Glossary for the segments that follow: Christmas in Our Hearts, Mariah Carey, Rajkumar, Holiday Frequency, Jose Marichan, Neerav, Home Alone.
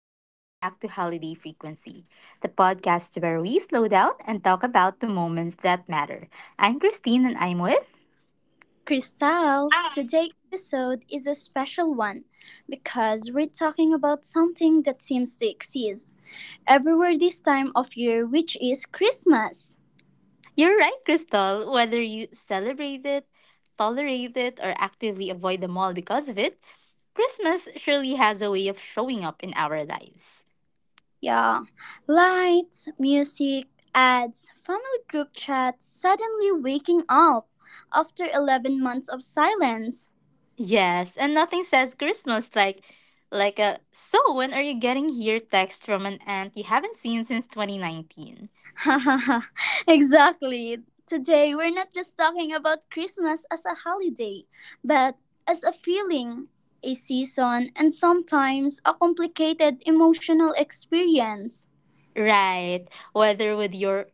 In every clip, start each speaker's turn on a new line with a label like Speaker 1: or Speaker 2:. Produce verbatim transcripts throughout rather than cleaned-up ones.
Speaker 1: welcome back to Holiday Frequency, the podcast where we slow down and talk about the moments that matter. I'm Christine and I'm with.
Speaker 2: Crystal, today's episode is a special one because we're talking about something that seems to exist everywhere this time of year, which is Christmas.
Speaker 1: You're right, Crystal. Whether you celebrate it, tolerate it, or actively avoid them all because of it, Christmas surely has a way of showing up in our lives.
Speaker 2: Yeah, lights, music, ads, family group chats, suddenly waking up after eleven months of silence.
Speaker 1: Yes, and nothing says Christmas like like a so when are you getting here text from an aunt you haven't seen since twenty nineteen.
Speaker 2: Exactly. Today, we're not just talking about Christmas as a holiday, but as a feeling, a season, and sometimes a complicated emotional experience.
Speaker 1: Right. Whether with your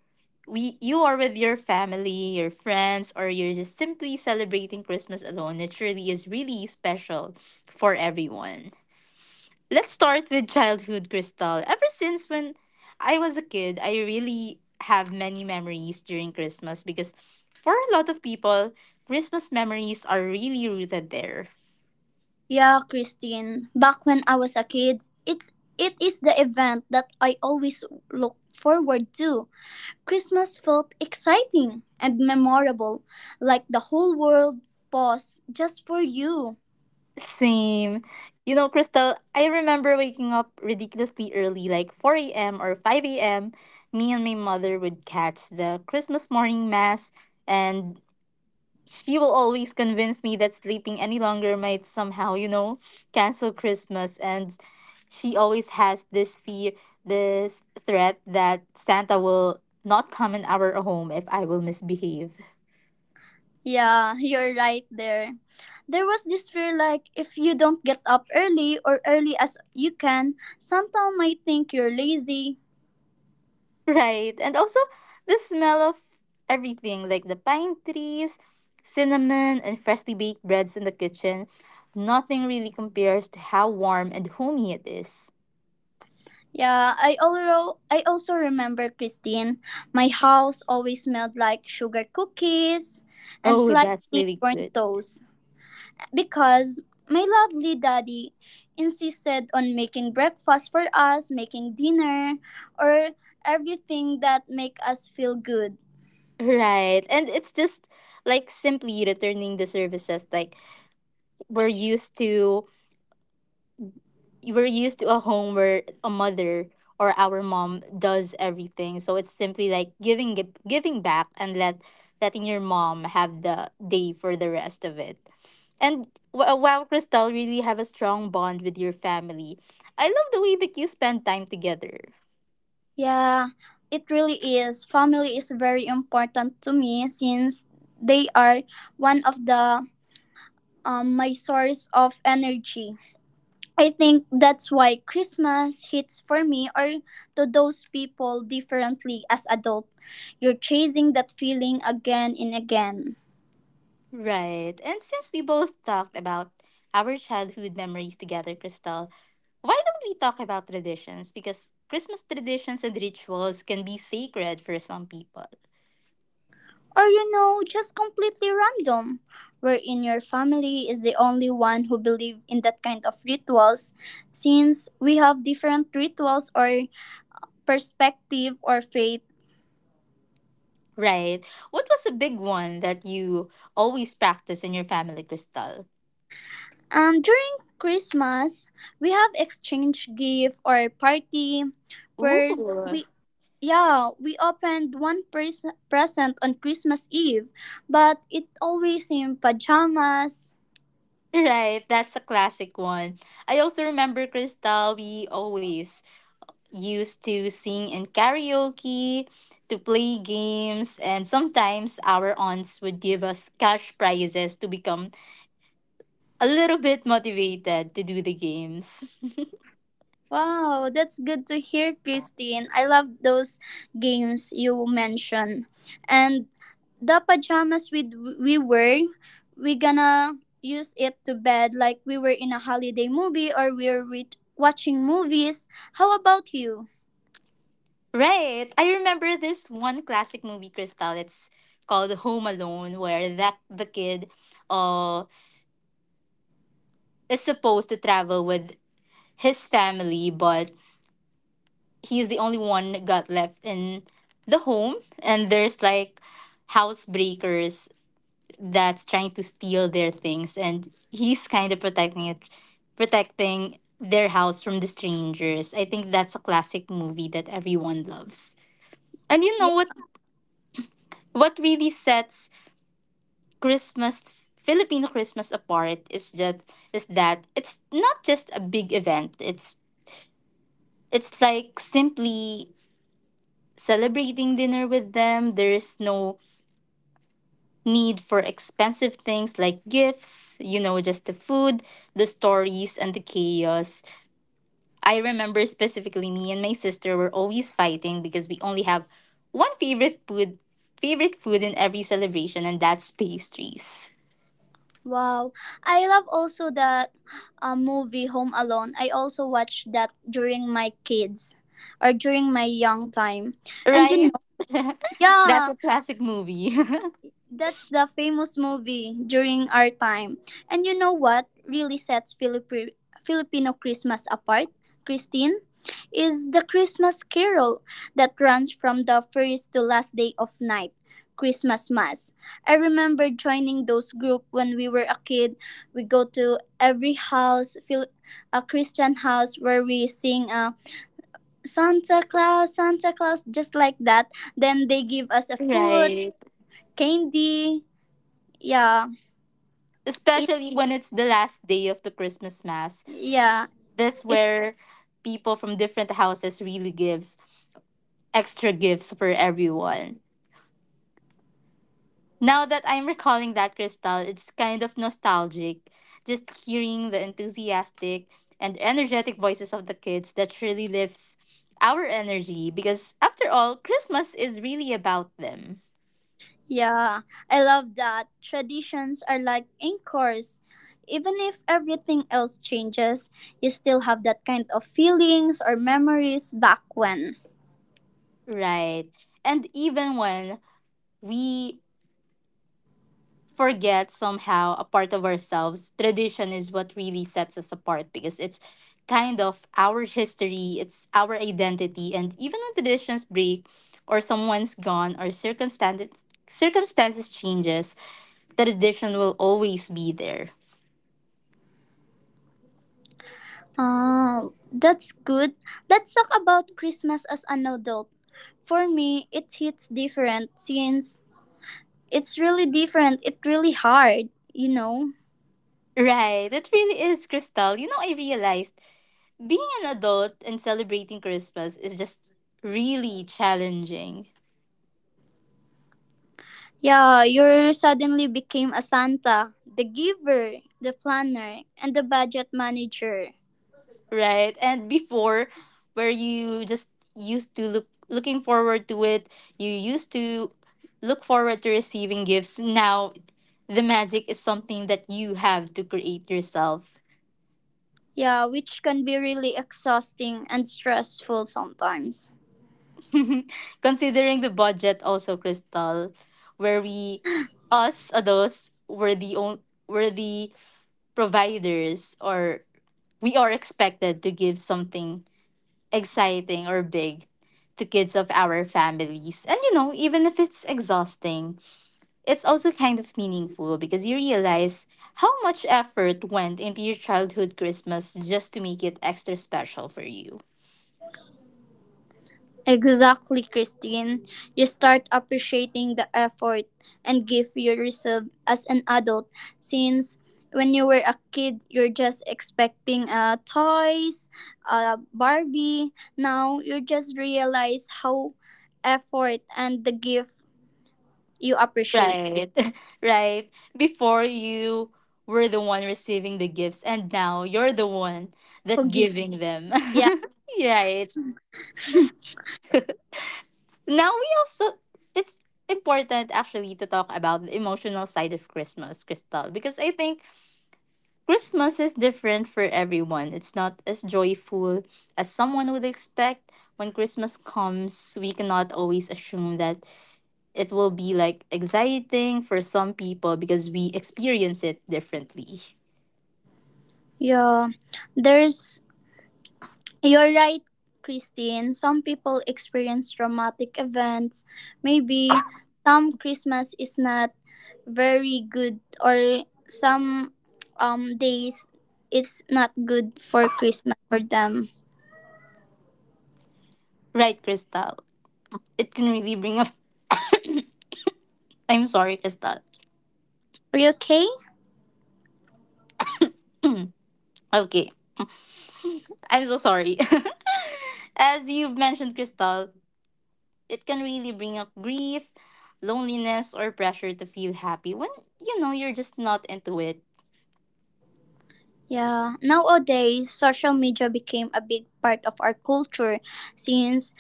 Speaker 1: we you are with your family, your friends, or you're just simply celebrating Christmas alone, it surely is really special for everyone. Let's start with childhood, Crystal. Ever since when I was a kid, I really have many memories during Christmas because for a lot of people, Christmas memories are really rooted there.
Speaker 2: Yeah, Christine, back when I was a kid, it's it is the event that I always look forward to. Christmas felt exciting and memorable, like the whole world paused just for you.
Speaker 1: Same. You know, Crystal, I remember waking up ridiculously early, like four a m or five a m. Me and my mother would catch the Christmas morning mass, and she will always convince me that sleeping any longer might somehow, you know, cancel Christmas. And she always has this fear, this threat that Santa will not come in our home if I will misbehave.
Speaker 2: Yeah, you're right there. There was this fear like if you don't get up early or early as you can, someone might think you're lazy.
Speaker 1: Right. And also the smell of everything like the pine trees, cinnamon, and freshly baked breads in the kitchen. Nothing really compares to how warm and homey it is.
Speaker 2: Yeah, I also I also remember, Christine. My house always smelled like sugar cookies and
Speaker 1: Oh, that's
Speaker 2: slightly
Speaker 1: really
Speaker 2: burnt
Speaker 1: good.
Speaker 2: toast because my lovely daddy insisted on making breakfast for us, making dinner, or everything that make us feel good.
Speaker 1: Right. And it's just like simply returning the services like we're used to we're used to a home where a mother or our mom does everything. So it's simply like giving it- giving back and let letting your mom have the day for the rest of it. And wh- wow, Crystal, really have a strong bond with your family. I love the way that you spend time together.
Speaker 2: Yeah, it really is. Family is very important to me since they are one of the um, my source of energy. I think that's why Christmas hits for me or to those people differently as adult. You're chasing that feeling again and again.
Speaker 1: Right. And since we both talked about our childhood memories together, Crystal, why don't we talk about traditions? Because Christmas traditions and rituals can be sacred for some people.
Speaker 2: Or you know, just completely random. Where in your family is the only one who believe in that kind of rituals, since we have different rituals or perspective or faith.
Speaker 1: Right. What was a big one that you always practice in your family, Crystal?
Speaker 2: Um, during Christmas, we have exchange gift or party
Speaker 1: Ooh.
Speaker 2: where we yeah, we opened one pres- present on Christmas Eve, but it always in pajamas.
Speaker 1: Right, that's a classic one. I also remember, Crystal, we always used to sing in karaoke, to play games, and sometimes our aunts would give us cash prizes to become a little bit motivated to do the games.
Speaker 2: Wow, that's good to hear, Christine. I love those games you mentioned. And the pajamas we we wear, we gonna use it to bed like we were in a holiday movie or we're re- watching movies. How about you?
Speaker 1: Right. I remember this one classic movie, Crystal. It's called Home Alone, where that the kid uh is supposed to travel with his family, but he's the only one that got left in the home and there's like housebreakers that's trying to steal their things and he's kind of protecting it protecting their house from the strangers. I think that's a classic movie that everyone loves. And you know
Speaker 2: Yeah.
Speaker 1: what what really sets Christmas Filipino Christmas apart is just is that it's not just a big event. It's it's like simply celebrating dinner with them. There's no need for expensive things like gifts, you know, just the food, the stories and the chaos. I remember specifically me and my sister were always fighting because we only have one favorite food favorite food in every celebration and that's pastries.
Speaker 2: Wow. I love also that uh, movie Home Alone. I also watched that during my kids or during my young time. And you
Speaker 1: Right?
Speaker 2: know,
Speaker 1: That's
Speaker 2: yeah,
Speaker 1: a classic movie.
Speaker 2: that's the famous movie during our time. And you know what really sets Filipri- Filipino Christmas apart, Christine? Is the Christmas carol that runs from the first to last day of night, Christmas Mass. I remember joining those group when we were a kid. We go to every house, Phil- a Christian house where we sing a Santa Claus, Santa Claus, just like that. Then they give us a food,
Speaker 1: Right.
Speaker 2: candy, yeah it
Speaker 1: Especially when it's the last day of the Christmas mass.
Speaker 2: yeah,
Speaker 1: That's
Speaker 2: it
Speaker 1: where people from different houses really gives extra gifts for everyone. Now that I'm recalling that crystal, it's kind of nostalgic. Just hearing the enthusiastic and energetic voices of the kids that truly lifts our energy because after all, Christmas is really about them.
Speaker 2: yeah. I love that. Traditions are like anchors. Even if everything else changes, you still have that kind of feelings or memories back when.
Speaker 1: Right. And even when we forget somehow a part of ourselves. Tradition is what really sets us apart because it's kind of our history, it's our identity, and even when traditions break or someone's gone or circumstances circumstances changes, tradition will always be there.
Speaker 2: Oh, that's good. Let's talk about Christmas as an adult. For me, it hits different since it's really different. It's really hard, you know.
Speaker 1: Right, it really is, Crystal. You know, I realized being an adult and celebrating Christmas is just really challenging.
Speaker 2: Yeah, you suddenly became a Santa, the giver, the planner, and the budget manager.
Speaker 1: Right? And before, where you just used to look looking forward to it, you used to look forward to receiving gifts. Now, the magic is something that you have to create yourself.
Speaker 2: Yeah, which can be really exhausting and stressful sometimes.
Speaker 1: Considering the budget, also Crystal, where we us adults were the on, were the providers, or we are expected to give something exciting or big to kids of our families. And you know, even if it's exhausting, it's also kind of meaningful because you realize how much effort went into your childhood Christmas just to make it extra special for you.
Speaker 2: Exactly, Christine. You start appreciating the effort and give you yourself as an adult, since when you were a kid, you're just expecting uh, toys, uh, Barbie. Now you just realize how effort and the gift you appreciate
Speaker 1: Right. Right. Before you were the one receiving the gifts and now you're the one
Speaker 2: who
Speaker 1: that
Speaker 2: give.
Speaker 1: giving them.
Speaker 2: Yeah.
Speaker 1: Right. Now we also it's important actually to talk about the emotional side of Christmas, Crystal, because I think Christmas is different for everyone. It's not as joyful as someone would expect. When Christmas comes, we cannot always assume that it will be like exciting for some people because we experience it differently.
Speaker 2: Yeah. There's you're right, Christine. Some people experience traumatic events. Maybe some Christmas is not very good or some um days it's not good for Christmas for them.
Speaker 1: Right, Crystal? It can really bring up I'm sorry, Crystal.
Speaker 2: Are you okay?
Speaker 1: Okay. I'm so sorry. As you've mentioned, Crystal, it can really bring up grief, loneliness, or pressure to feel happy when you know you're just not into it,
Speaker 2: Yeah. Nowadays social media became a big part of our culture, since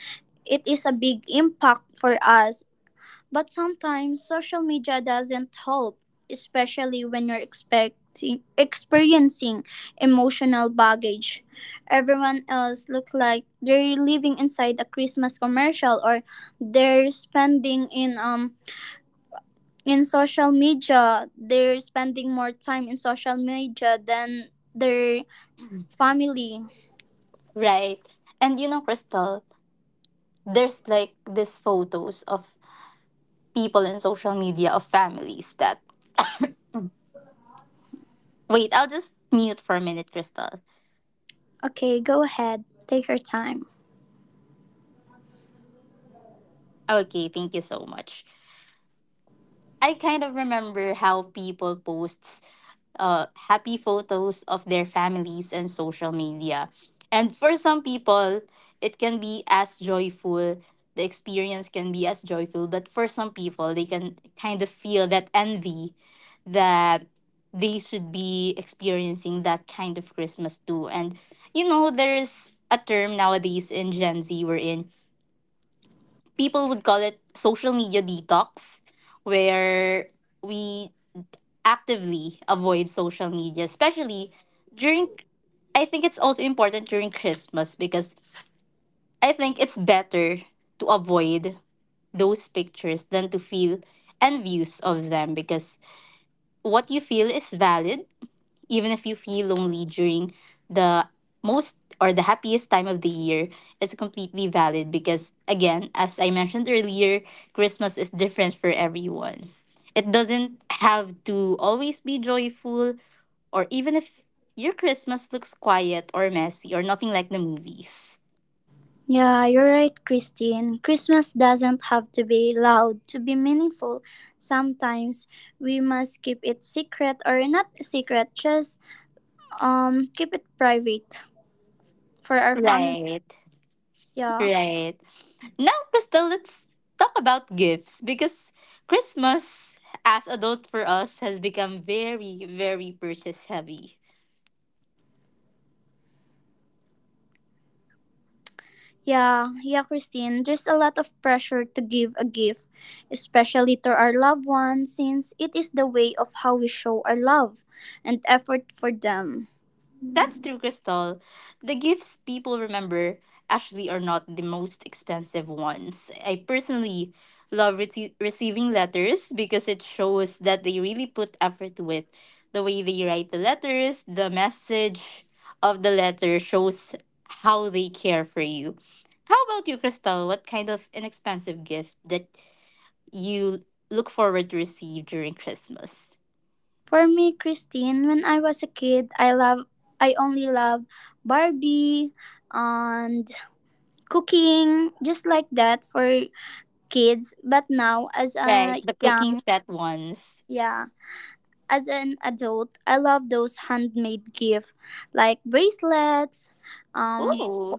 Speaker 2: it is a big impact for us. But sometimes social media doesn't help, especially when you're expecting experiencing emotional baggage. Everyone else looks like they're living inside a Christmas commercial or they're spending in um in social media. They're spending more time in social media than their family.
Speaker 1: right? And you know, Crystal, there's like these photos of people in social media of families that. Wait, I'll just mute for a minute, Crystal.
Speaker 2: Okay, go ahead. Take your time.
Speaker 1: Okay, thank you so much. I kind of remember how people post uh, happy photos of their families and social media. And for some people, it can be as joyful. The experience can be as joyful, but for some people, they can kind of feel that envy that they should be experiencing that kind of Christmas too. And you know, there is a term nowadays in Gen Z we're in. People would call it social media detox, where we actively avoid social media, especially during. I think it's also important during Christmas because I think it's better to avoid those pictures than to feel envious of them because what you feel is valid even if you feel lonely during the most or the happiest time of the year, it's completely valid because, again, as I mentioned earlier, Christmas is different for everyone. It doesn't have to always be joyful, or even if your Christmas looks quiet or messy or nothing like the movies.
Speaker 2: Yeah, you're right, Christine. Christmas doesn't have to be loud to be meaningful. Sometimes we must keep it secret or not secret, just um keep it private for our family.
Speaker 1: Right.
Speaker 2: Yeah.
Speaker 1: Right. Now, Crystal, let's talk about gifts because Christmas as adult for us has become very, very purchase heavy.
Speaker 2: Yeah, yeah, Christine. There's a lot of pressure to give a gift, especially to our loved ones, since it is the way of how we show our love and effort for them.
Speaker 1: That's true, Crystal. The gifts people remember actually are not the most expensive ones. I personally love rece- receiving letters because it shows that they really put effort to it. The way they write the letters, the message of the letter shows how they care for you. How about you, Crystal? What kind of inexpensive gift that you look forward to receive during Christmas?
Speaker 2: For me, Christine, when I was a kid, I love I only love Barbie and cooking, just like that for kids. But now as
Speaker 1: Right,
Speaker 2: a
Speaker 1: the cooking
Speaker 2: young,
Speaker 1: set ones.
Speaker 2: yeah, as an adult, I love those handmade gifts like bracelets, um
Speaker 1: Ooh.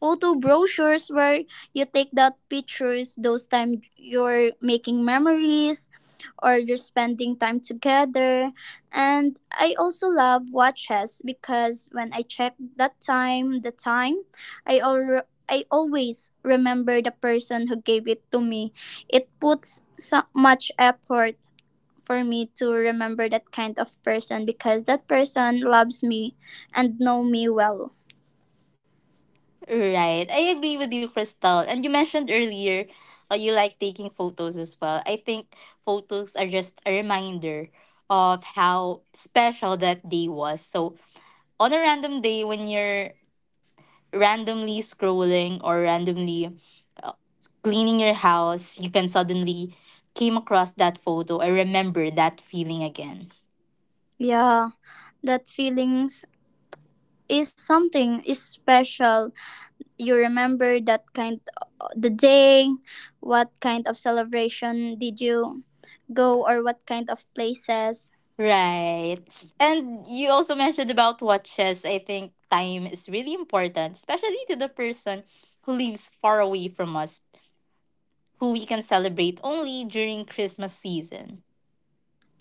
Speaker 2: photo brochures where you take that pictures those time you're making memories or just spending time together. And I also love watches because when I check that time, the time, I al- I always remember the person who gave it to me. It puts so much effort for me to remember that kind of person because that person loves me and know me well.
Speaker 1: Right. I agree with you, Crystal. And you mentioned earlier uh, you like taking photos as well. I think photos are just a reminder of how special that day was. So, on a random day when you're randomly scrolling or randomly cleaning your house, you can suddenly came across that photo and remember that feeling again.
Speaker 2: Yeah, that feelings is something is special you remember that kind the day what kind of celebration did you go or what kind of places.
Speaker 1: Right. And you also mentioned about watches. I think time is really important, especially to the person who lives far away from us, who we can celebrate only during Christmas season.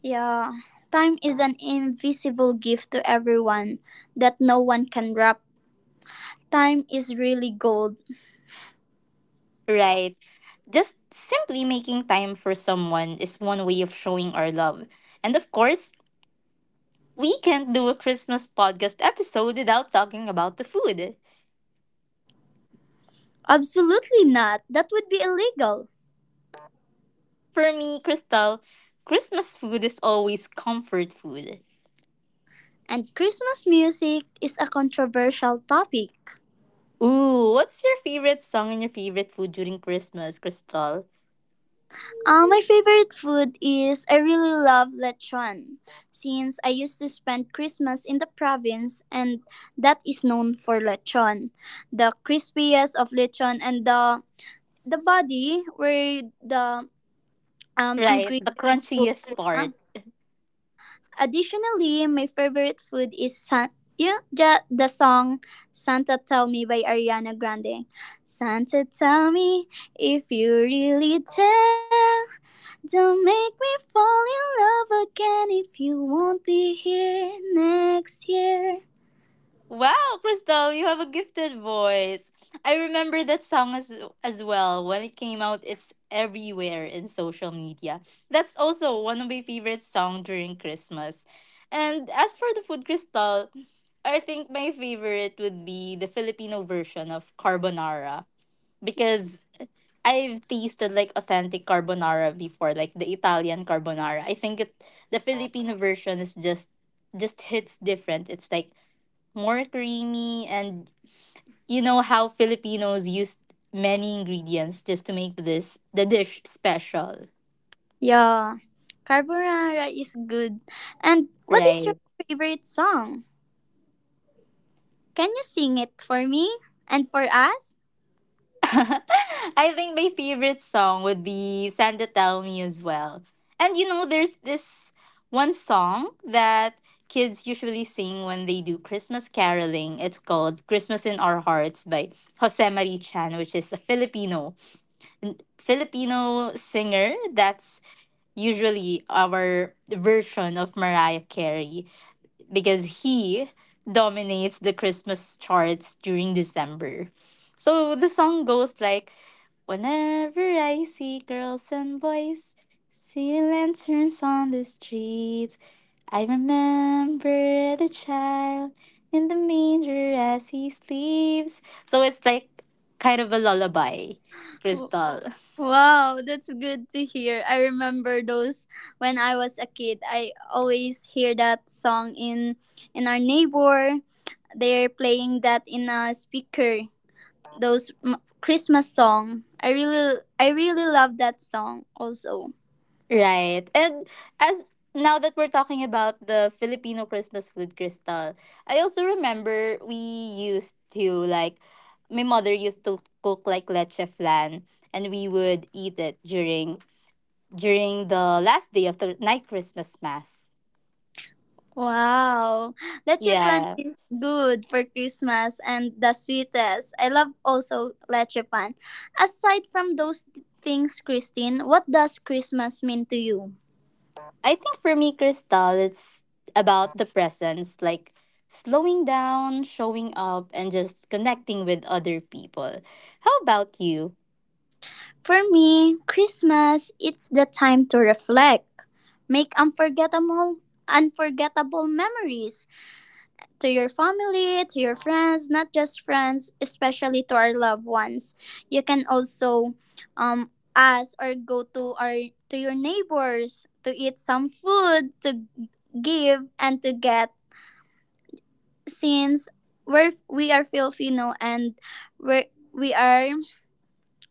Speaker 2: Yeah, time is an invisible gift to everyone that no one can wrap. Time is really gold.
Speaker 1: Right. Just simply making time for someone is one way of showing our love. And of course, we can't do a Christmas podcast episode without talking about the food.
Speaker 2: Absolutely not, that would be illegal.
Speaker 1: For me, Crystal, Christmas food is always comfort food.
Speaker 2: And Christmas music is a controversial topic.
Speaker 1: Ooh, what's your favorite song and your favorite food during Christmas, Crystal?
Speaker 2: Uh, my favorite food is I really love lechon, since I used to spend Christmas in the province and that is known for lechon. The crispiest of lechon and the the body where the um
Speaker 1: Right, the
Speaker 2: ingredients put.
Speaker 1: crunchiest
Speaker 2: Uh.
Speaker 1: part.
Speaker 2: Additionally, my favorite food is san- yeah, ja- the song Santa Tell Me by Ariana Grande. Santa tell me, if you really tell, don't make me fall in love again if you won't be here next year.
Speaker 1: Wow, Crystal, you have a gifted voice. I remember that song as as well. When it came out, it's everywhere in social media. That's also one of my favorite song during Christmas. And as for the food, Crystal, I think my favorite would be the Filipino version of carbonara because I've tasted like authentic carbonara before, like the Italian carbonara. I think it the Filipino version is just just hits different. It's like more creamy and you know how Filipinos used many ingredients just to make this the dish special,
Speaker 2: Yeah, carbonara is good. And what is your
Speaker 1: right?
Speaker 2: favorite song? Can you sing it for me and for us?
Speaker 1: I think my favorite song would be Santa Tell Me as well. And you know, there's this one song that kids usually sing when they do Christmas caroling. It's called Christmas in Our Hearts by Jose Marichan, which is a Filipino n- Filipino singer that's usually our version of Mariah Carey because he dominates the Christmas charts during December. So the song goes like Whenever I see girls and boys seeing lanterns on the streets, I remember the child in the manger as he sleeps. So it's like kind of a lullaby,
Speaker 2: W-
Speaker 1: Crystal.
Speaker 2: Wow, that's good to hear. I remember those when I was a kid. I always hear that song in in our neighbor. They're playing that in a speaker those m- Christmas song. I really I really love that song also.
Speaker 1: Right. And as now that we're talking about the Filipino Christmas food, Crystal, I also remember we used to like my mother used to cook like leche flan and we would eat it during during the last day of the night Christmas mass.
Speaker 2: Wow. Leche flan
Speaker 1: Yeah.
Speaker 2: is good for Christmas and the sweetest. I love also leche pan. Aside from those things, Christine, what does Christmas mean to you?
Speaker 1: I think for me, Crystal, it's about the presence, like slowing down, showing up, and just connecting with other people. How about you?
Speaker 2: For me, Christmas it's the time to reflect, make unforgettable unforgettable memories to your family, to your friends, not just friends, especially to our loved ones. You can also um, ask or go to our to your neighbors to eat some food, to give and to get, since we're we are Filipino and we we are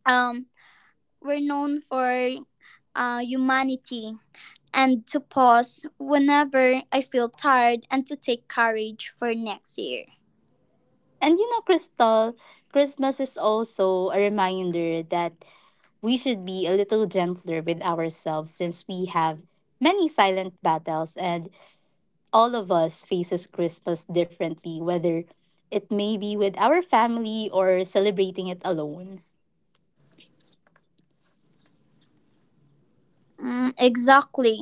Speaker 2: um we're known for uh, humanity and to pause whenever I feel tired and to take courage for next year.
Speaker 1: And you know, Crystal, Christmas is also a reminder that we should be a little gentler with ourselves since we have many silent battles and all of us faces Christmas differently, whether it may be with our family or celebrating it alone.
Speaker 2: Mm, exactly.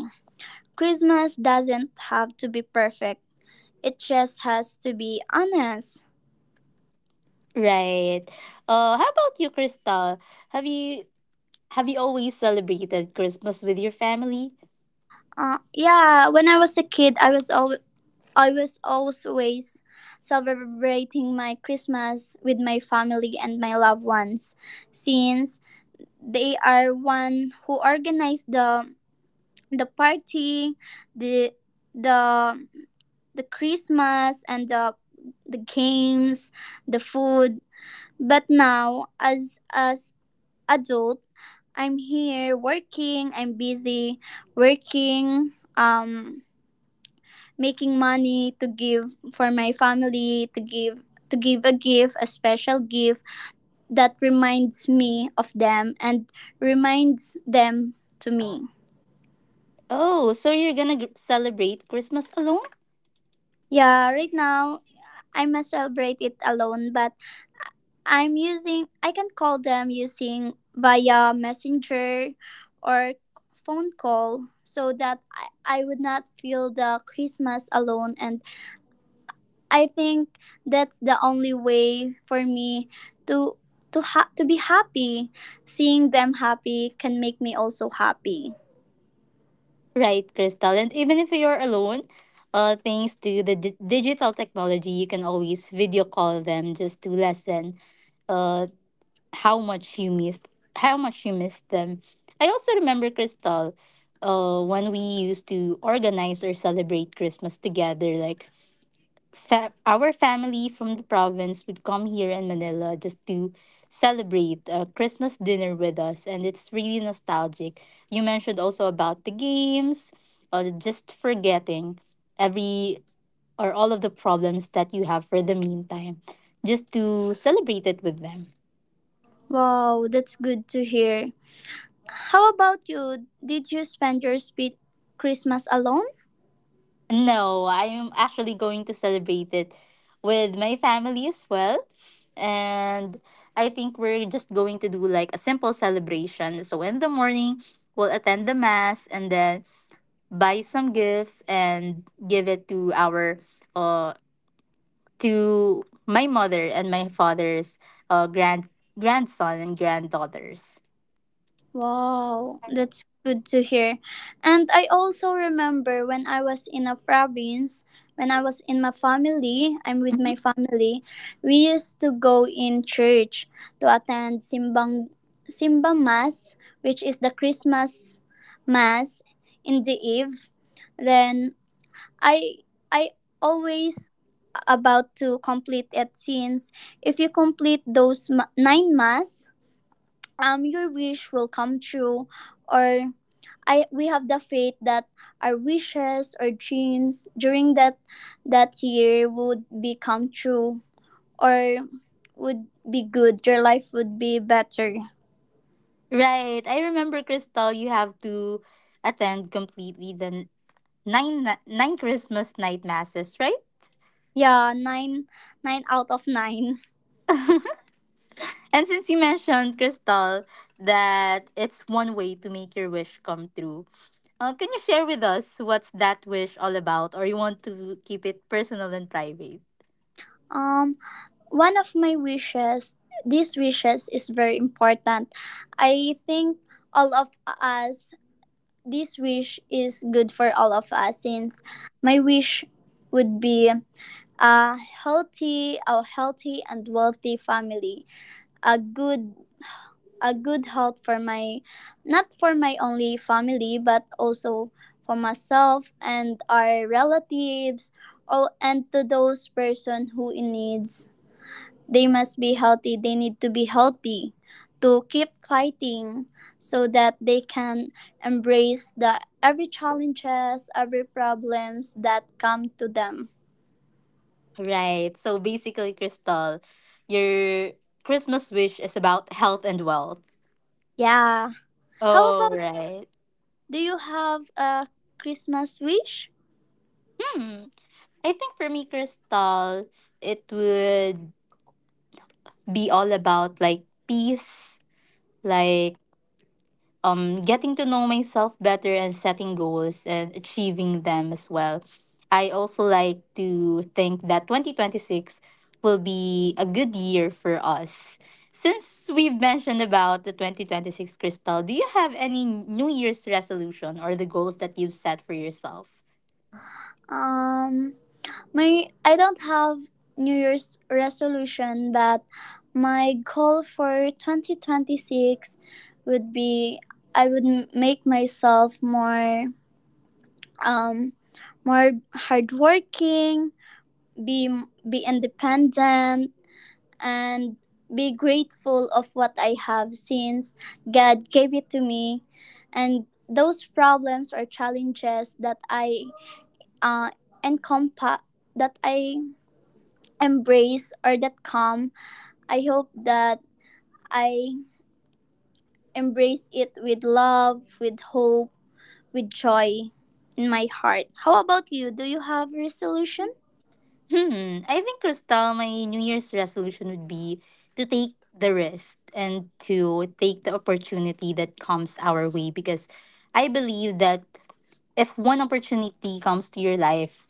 Speaker 2: Christmas doesn't have to be perfect. It just has to be honest.
Speaker 1: Right. Uh, how about you, Crystal? Have you have you always celebrated Christmas with your family?
Speaker 2: Uh, yeah, when I was a kid, I was al- I was always celebrating my Christmas with my family and my loved ones, since they are one who organize the the party, the the the Christmas and the the games, the food. But now, as a adult. I'm here working. I'm busy working, um, making money to give for my family, to give to give a gift, a special gift that reminds me of them and reminds them to me.
Speaker 1: Oh, so you're gonna gr- celebrate Christmas alone?
Speaker 2: Yeah, right now I must celebrate it alone, but I'm using I can call them using via messenger or phone call so that I, I would not feel the Christmas alone, and I think that's the only way for me to to ha- to be happy. Seeing them happy can make me also happy.
Speaker 1: Right, Crystal. And even if you're alone, uh, thanks to the d- digital technology, you can always video call them just to lessen uh how much you miss how much you miss them. I also remember Crystal, uh, when we used to organize or celebrate Christmas together. Like fa- our family from the province would come here in Manila just to celebrate a Christmas dinner with us, and it's really nostalgic. You mentioned also about the games, uh, just forgetting every or all of the problems that you have for the meantime, just to celebrate it with them.
Speaker 2: Wow, that's good to hear. How about you? Did you spend your sweet Christmas alone?
Speaker 1: No, I'm actually going to celebrate it with my family as well. And I think we're just going to do like a simple celebration. So in the morning, we'll attend the mass and then buy some gifts and give it to our uh to my mother and my father's uh grand grandson and granddaughters.
Speaker 2: Wow, that's good to hear. And I also remember when I was in a province, when I was in my family, I'm with my
Speaker 1: Mhm.
Speaker 2: family, we used to go in church to attend Simbang Simba Mass, which is the Christmas Mass in the eve. Then I I always about to complete it, since if you complete those ma- nine mass um your wish will come true, or I we have the faith that our wishes or dreams during that that year would become true, or would be good, your life would be better.
Speaker 1: Right. I remember Crystal, you have to attend completely the nine na- nine Christmas night masses, right?
Speaker 2: Yeah, nine nine out of nine.
Speaker 1: And since you mentioned Crystal that it's one way to make your wish come true, uh, can you share with us what's that wish all about, or you want to keep it personal and private?
Speaker 2: um One of my wishes, these wishes is very important. I think all of us, this wish is good for all of us, since my wish would be a healthy, a healthy and wealthy family, a good a good health for my, not for my only family but also for myself and our relatives, or and to those person who in needs. They must be healthy, they need to be healthy, to keep fighting, so that they can embrace the every challenges, every problems that come to them.
Speaker 1: Right. So basically, Crystal, your Christmas wish is about health and wealth.
Speaker 2: Yeah. How
Speaker 1: Oh,
Speaker 2: about,
Speaker 1: right.
Speaker 2: do you have a Christmas wish?
Speaker 1: Hmm. I think for me, Crystal, it would be all about like peace, like um, getting to know myself better and setting goals and achieving them as well. I also like to think that twenty twenty-six will be a good year for us. Since we've mentioned about the twenty twenty-six crystal, do you have any New Year's resolution or the goals that you've set for yourself?
Speaker 2: Um, my I don't have New Year's resolution, but my goal for twenty twenty-six would be I would m- make myself more um more hardworking, be be independent, and be grateful of what I have since God gave it to me. And those problems or challenges that I uh, encompass, that I embrace or that come, I hope that I embrace it with love, with hope, with joy in my heart. How about you? Do you have resolution?
Speaker 1: Hmm. I think Crystal, my New Year's resolution would be to take the risk and to take the opportunity that comes our way because I believe that if one opportunity comes to your life,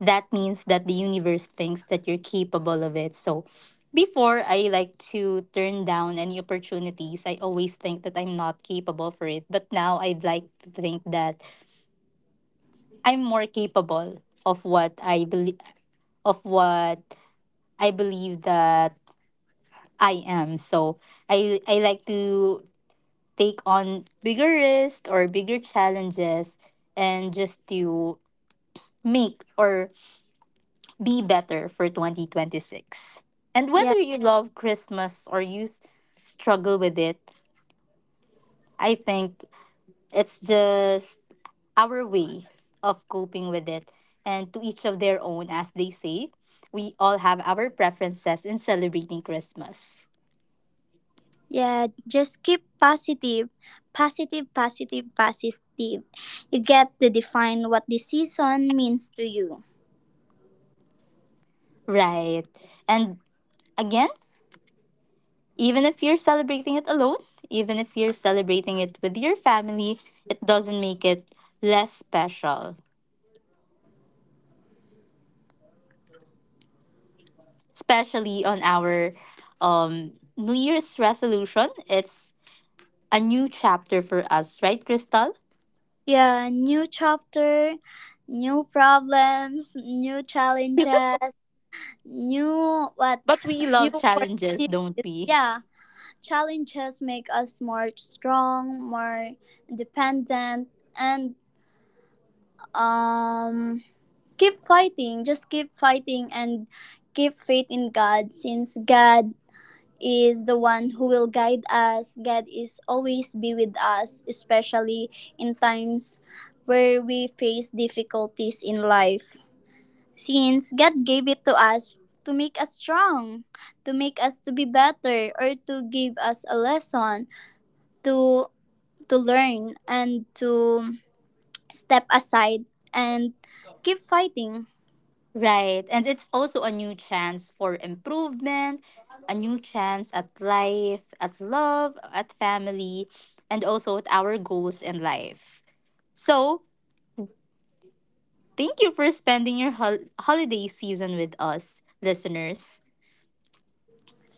Speaker 1: that means that the universe thinks that you're capable of it. So before I like to turn down any opportunities, I always think that I'm not capable for it. But now I'd like to think that I'm more capable of what I believe of what I believe that I am. So I I like to take on bigger risks or bigger challenges and just to make or be better for twenty twenty-six. And whether
Speaker 2: Yeah.
Speaker 1: you love Christmas or you s- struggle with it, I think it's just our way of coping with it and to each of their own as they say. We all have our preferences in celebrating Christmas.
Speaker 2: Yeah, just keep positive, positive, positive, positive. You get to define what this season means to you.
Speaker 1: Right. And again, even if you're celebrating it alone, even if you're celebrating it with your family, it doesn't make it less special. Especially on our um New Year's resolution, it's a new chapter for us, right, Crystal?
Speaker 2: Yeah, new chapter, new problems, new challenges, new what,
Speaker 1: But we
Speaker 2: new
Speaker 1: love challenges, don't
Speaker 2: opportunities.
Speaker 1: we?
Speaker 2: Yeah, challenges make us more strong, more dependent, and um, keep fighting. Just keep fighting and keep faith in God, since God is the one who will guide us. God is always be with us, especially in times where we face difficulties in life. Since God gave it to us to make us strong, to make us to be better or to give us a lesson to to learn and to step aside and keep fighting.
Speaker 1: Right. And it's also a new chance for improvement, a new chance at life, at love, at family, and also at our goals in life. So, thank you for spending your hol- holiday season with us, listeners.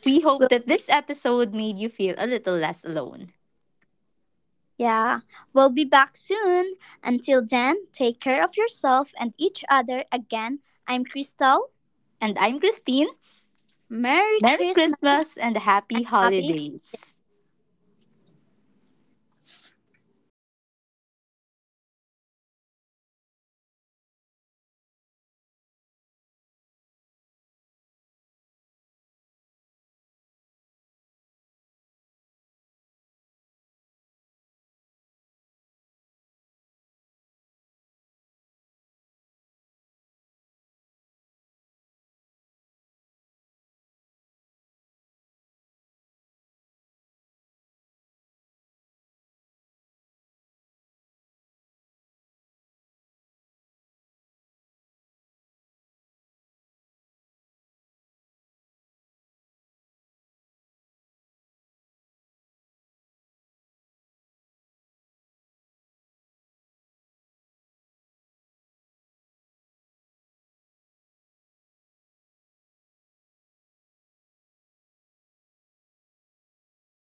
Speaker 1: We hope
Speaker 2: We
Speaker 1: that this episode made you feel a little less alone.
Speaker 2: yeah, we'll be back soon. Until then, take care of yourself and each other again. I'm Crystal.
Speaker 1: And I'm Christine. Merry
Speaker 2: Merry
Speaker 1: Christmas
Speaker 2: Christmas.
Speaker 1: and happy
Speaker 2: Happy
Speaker 1: holidays.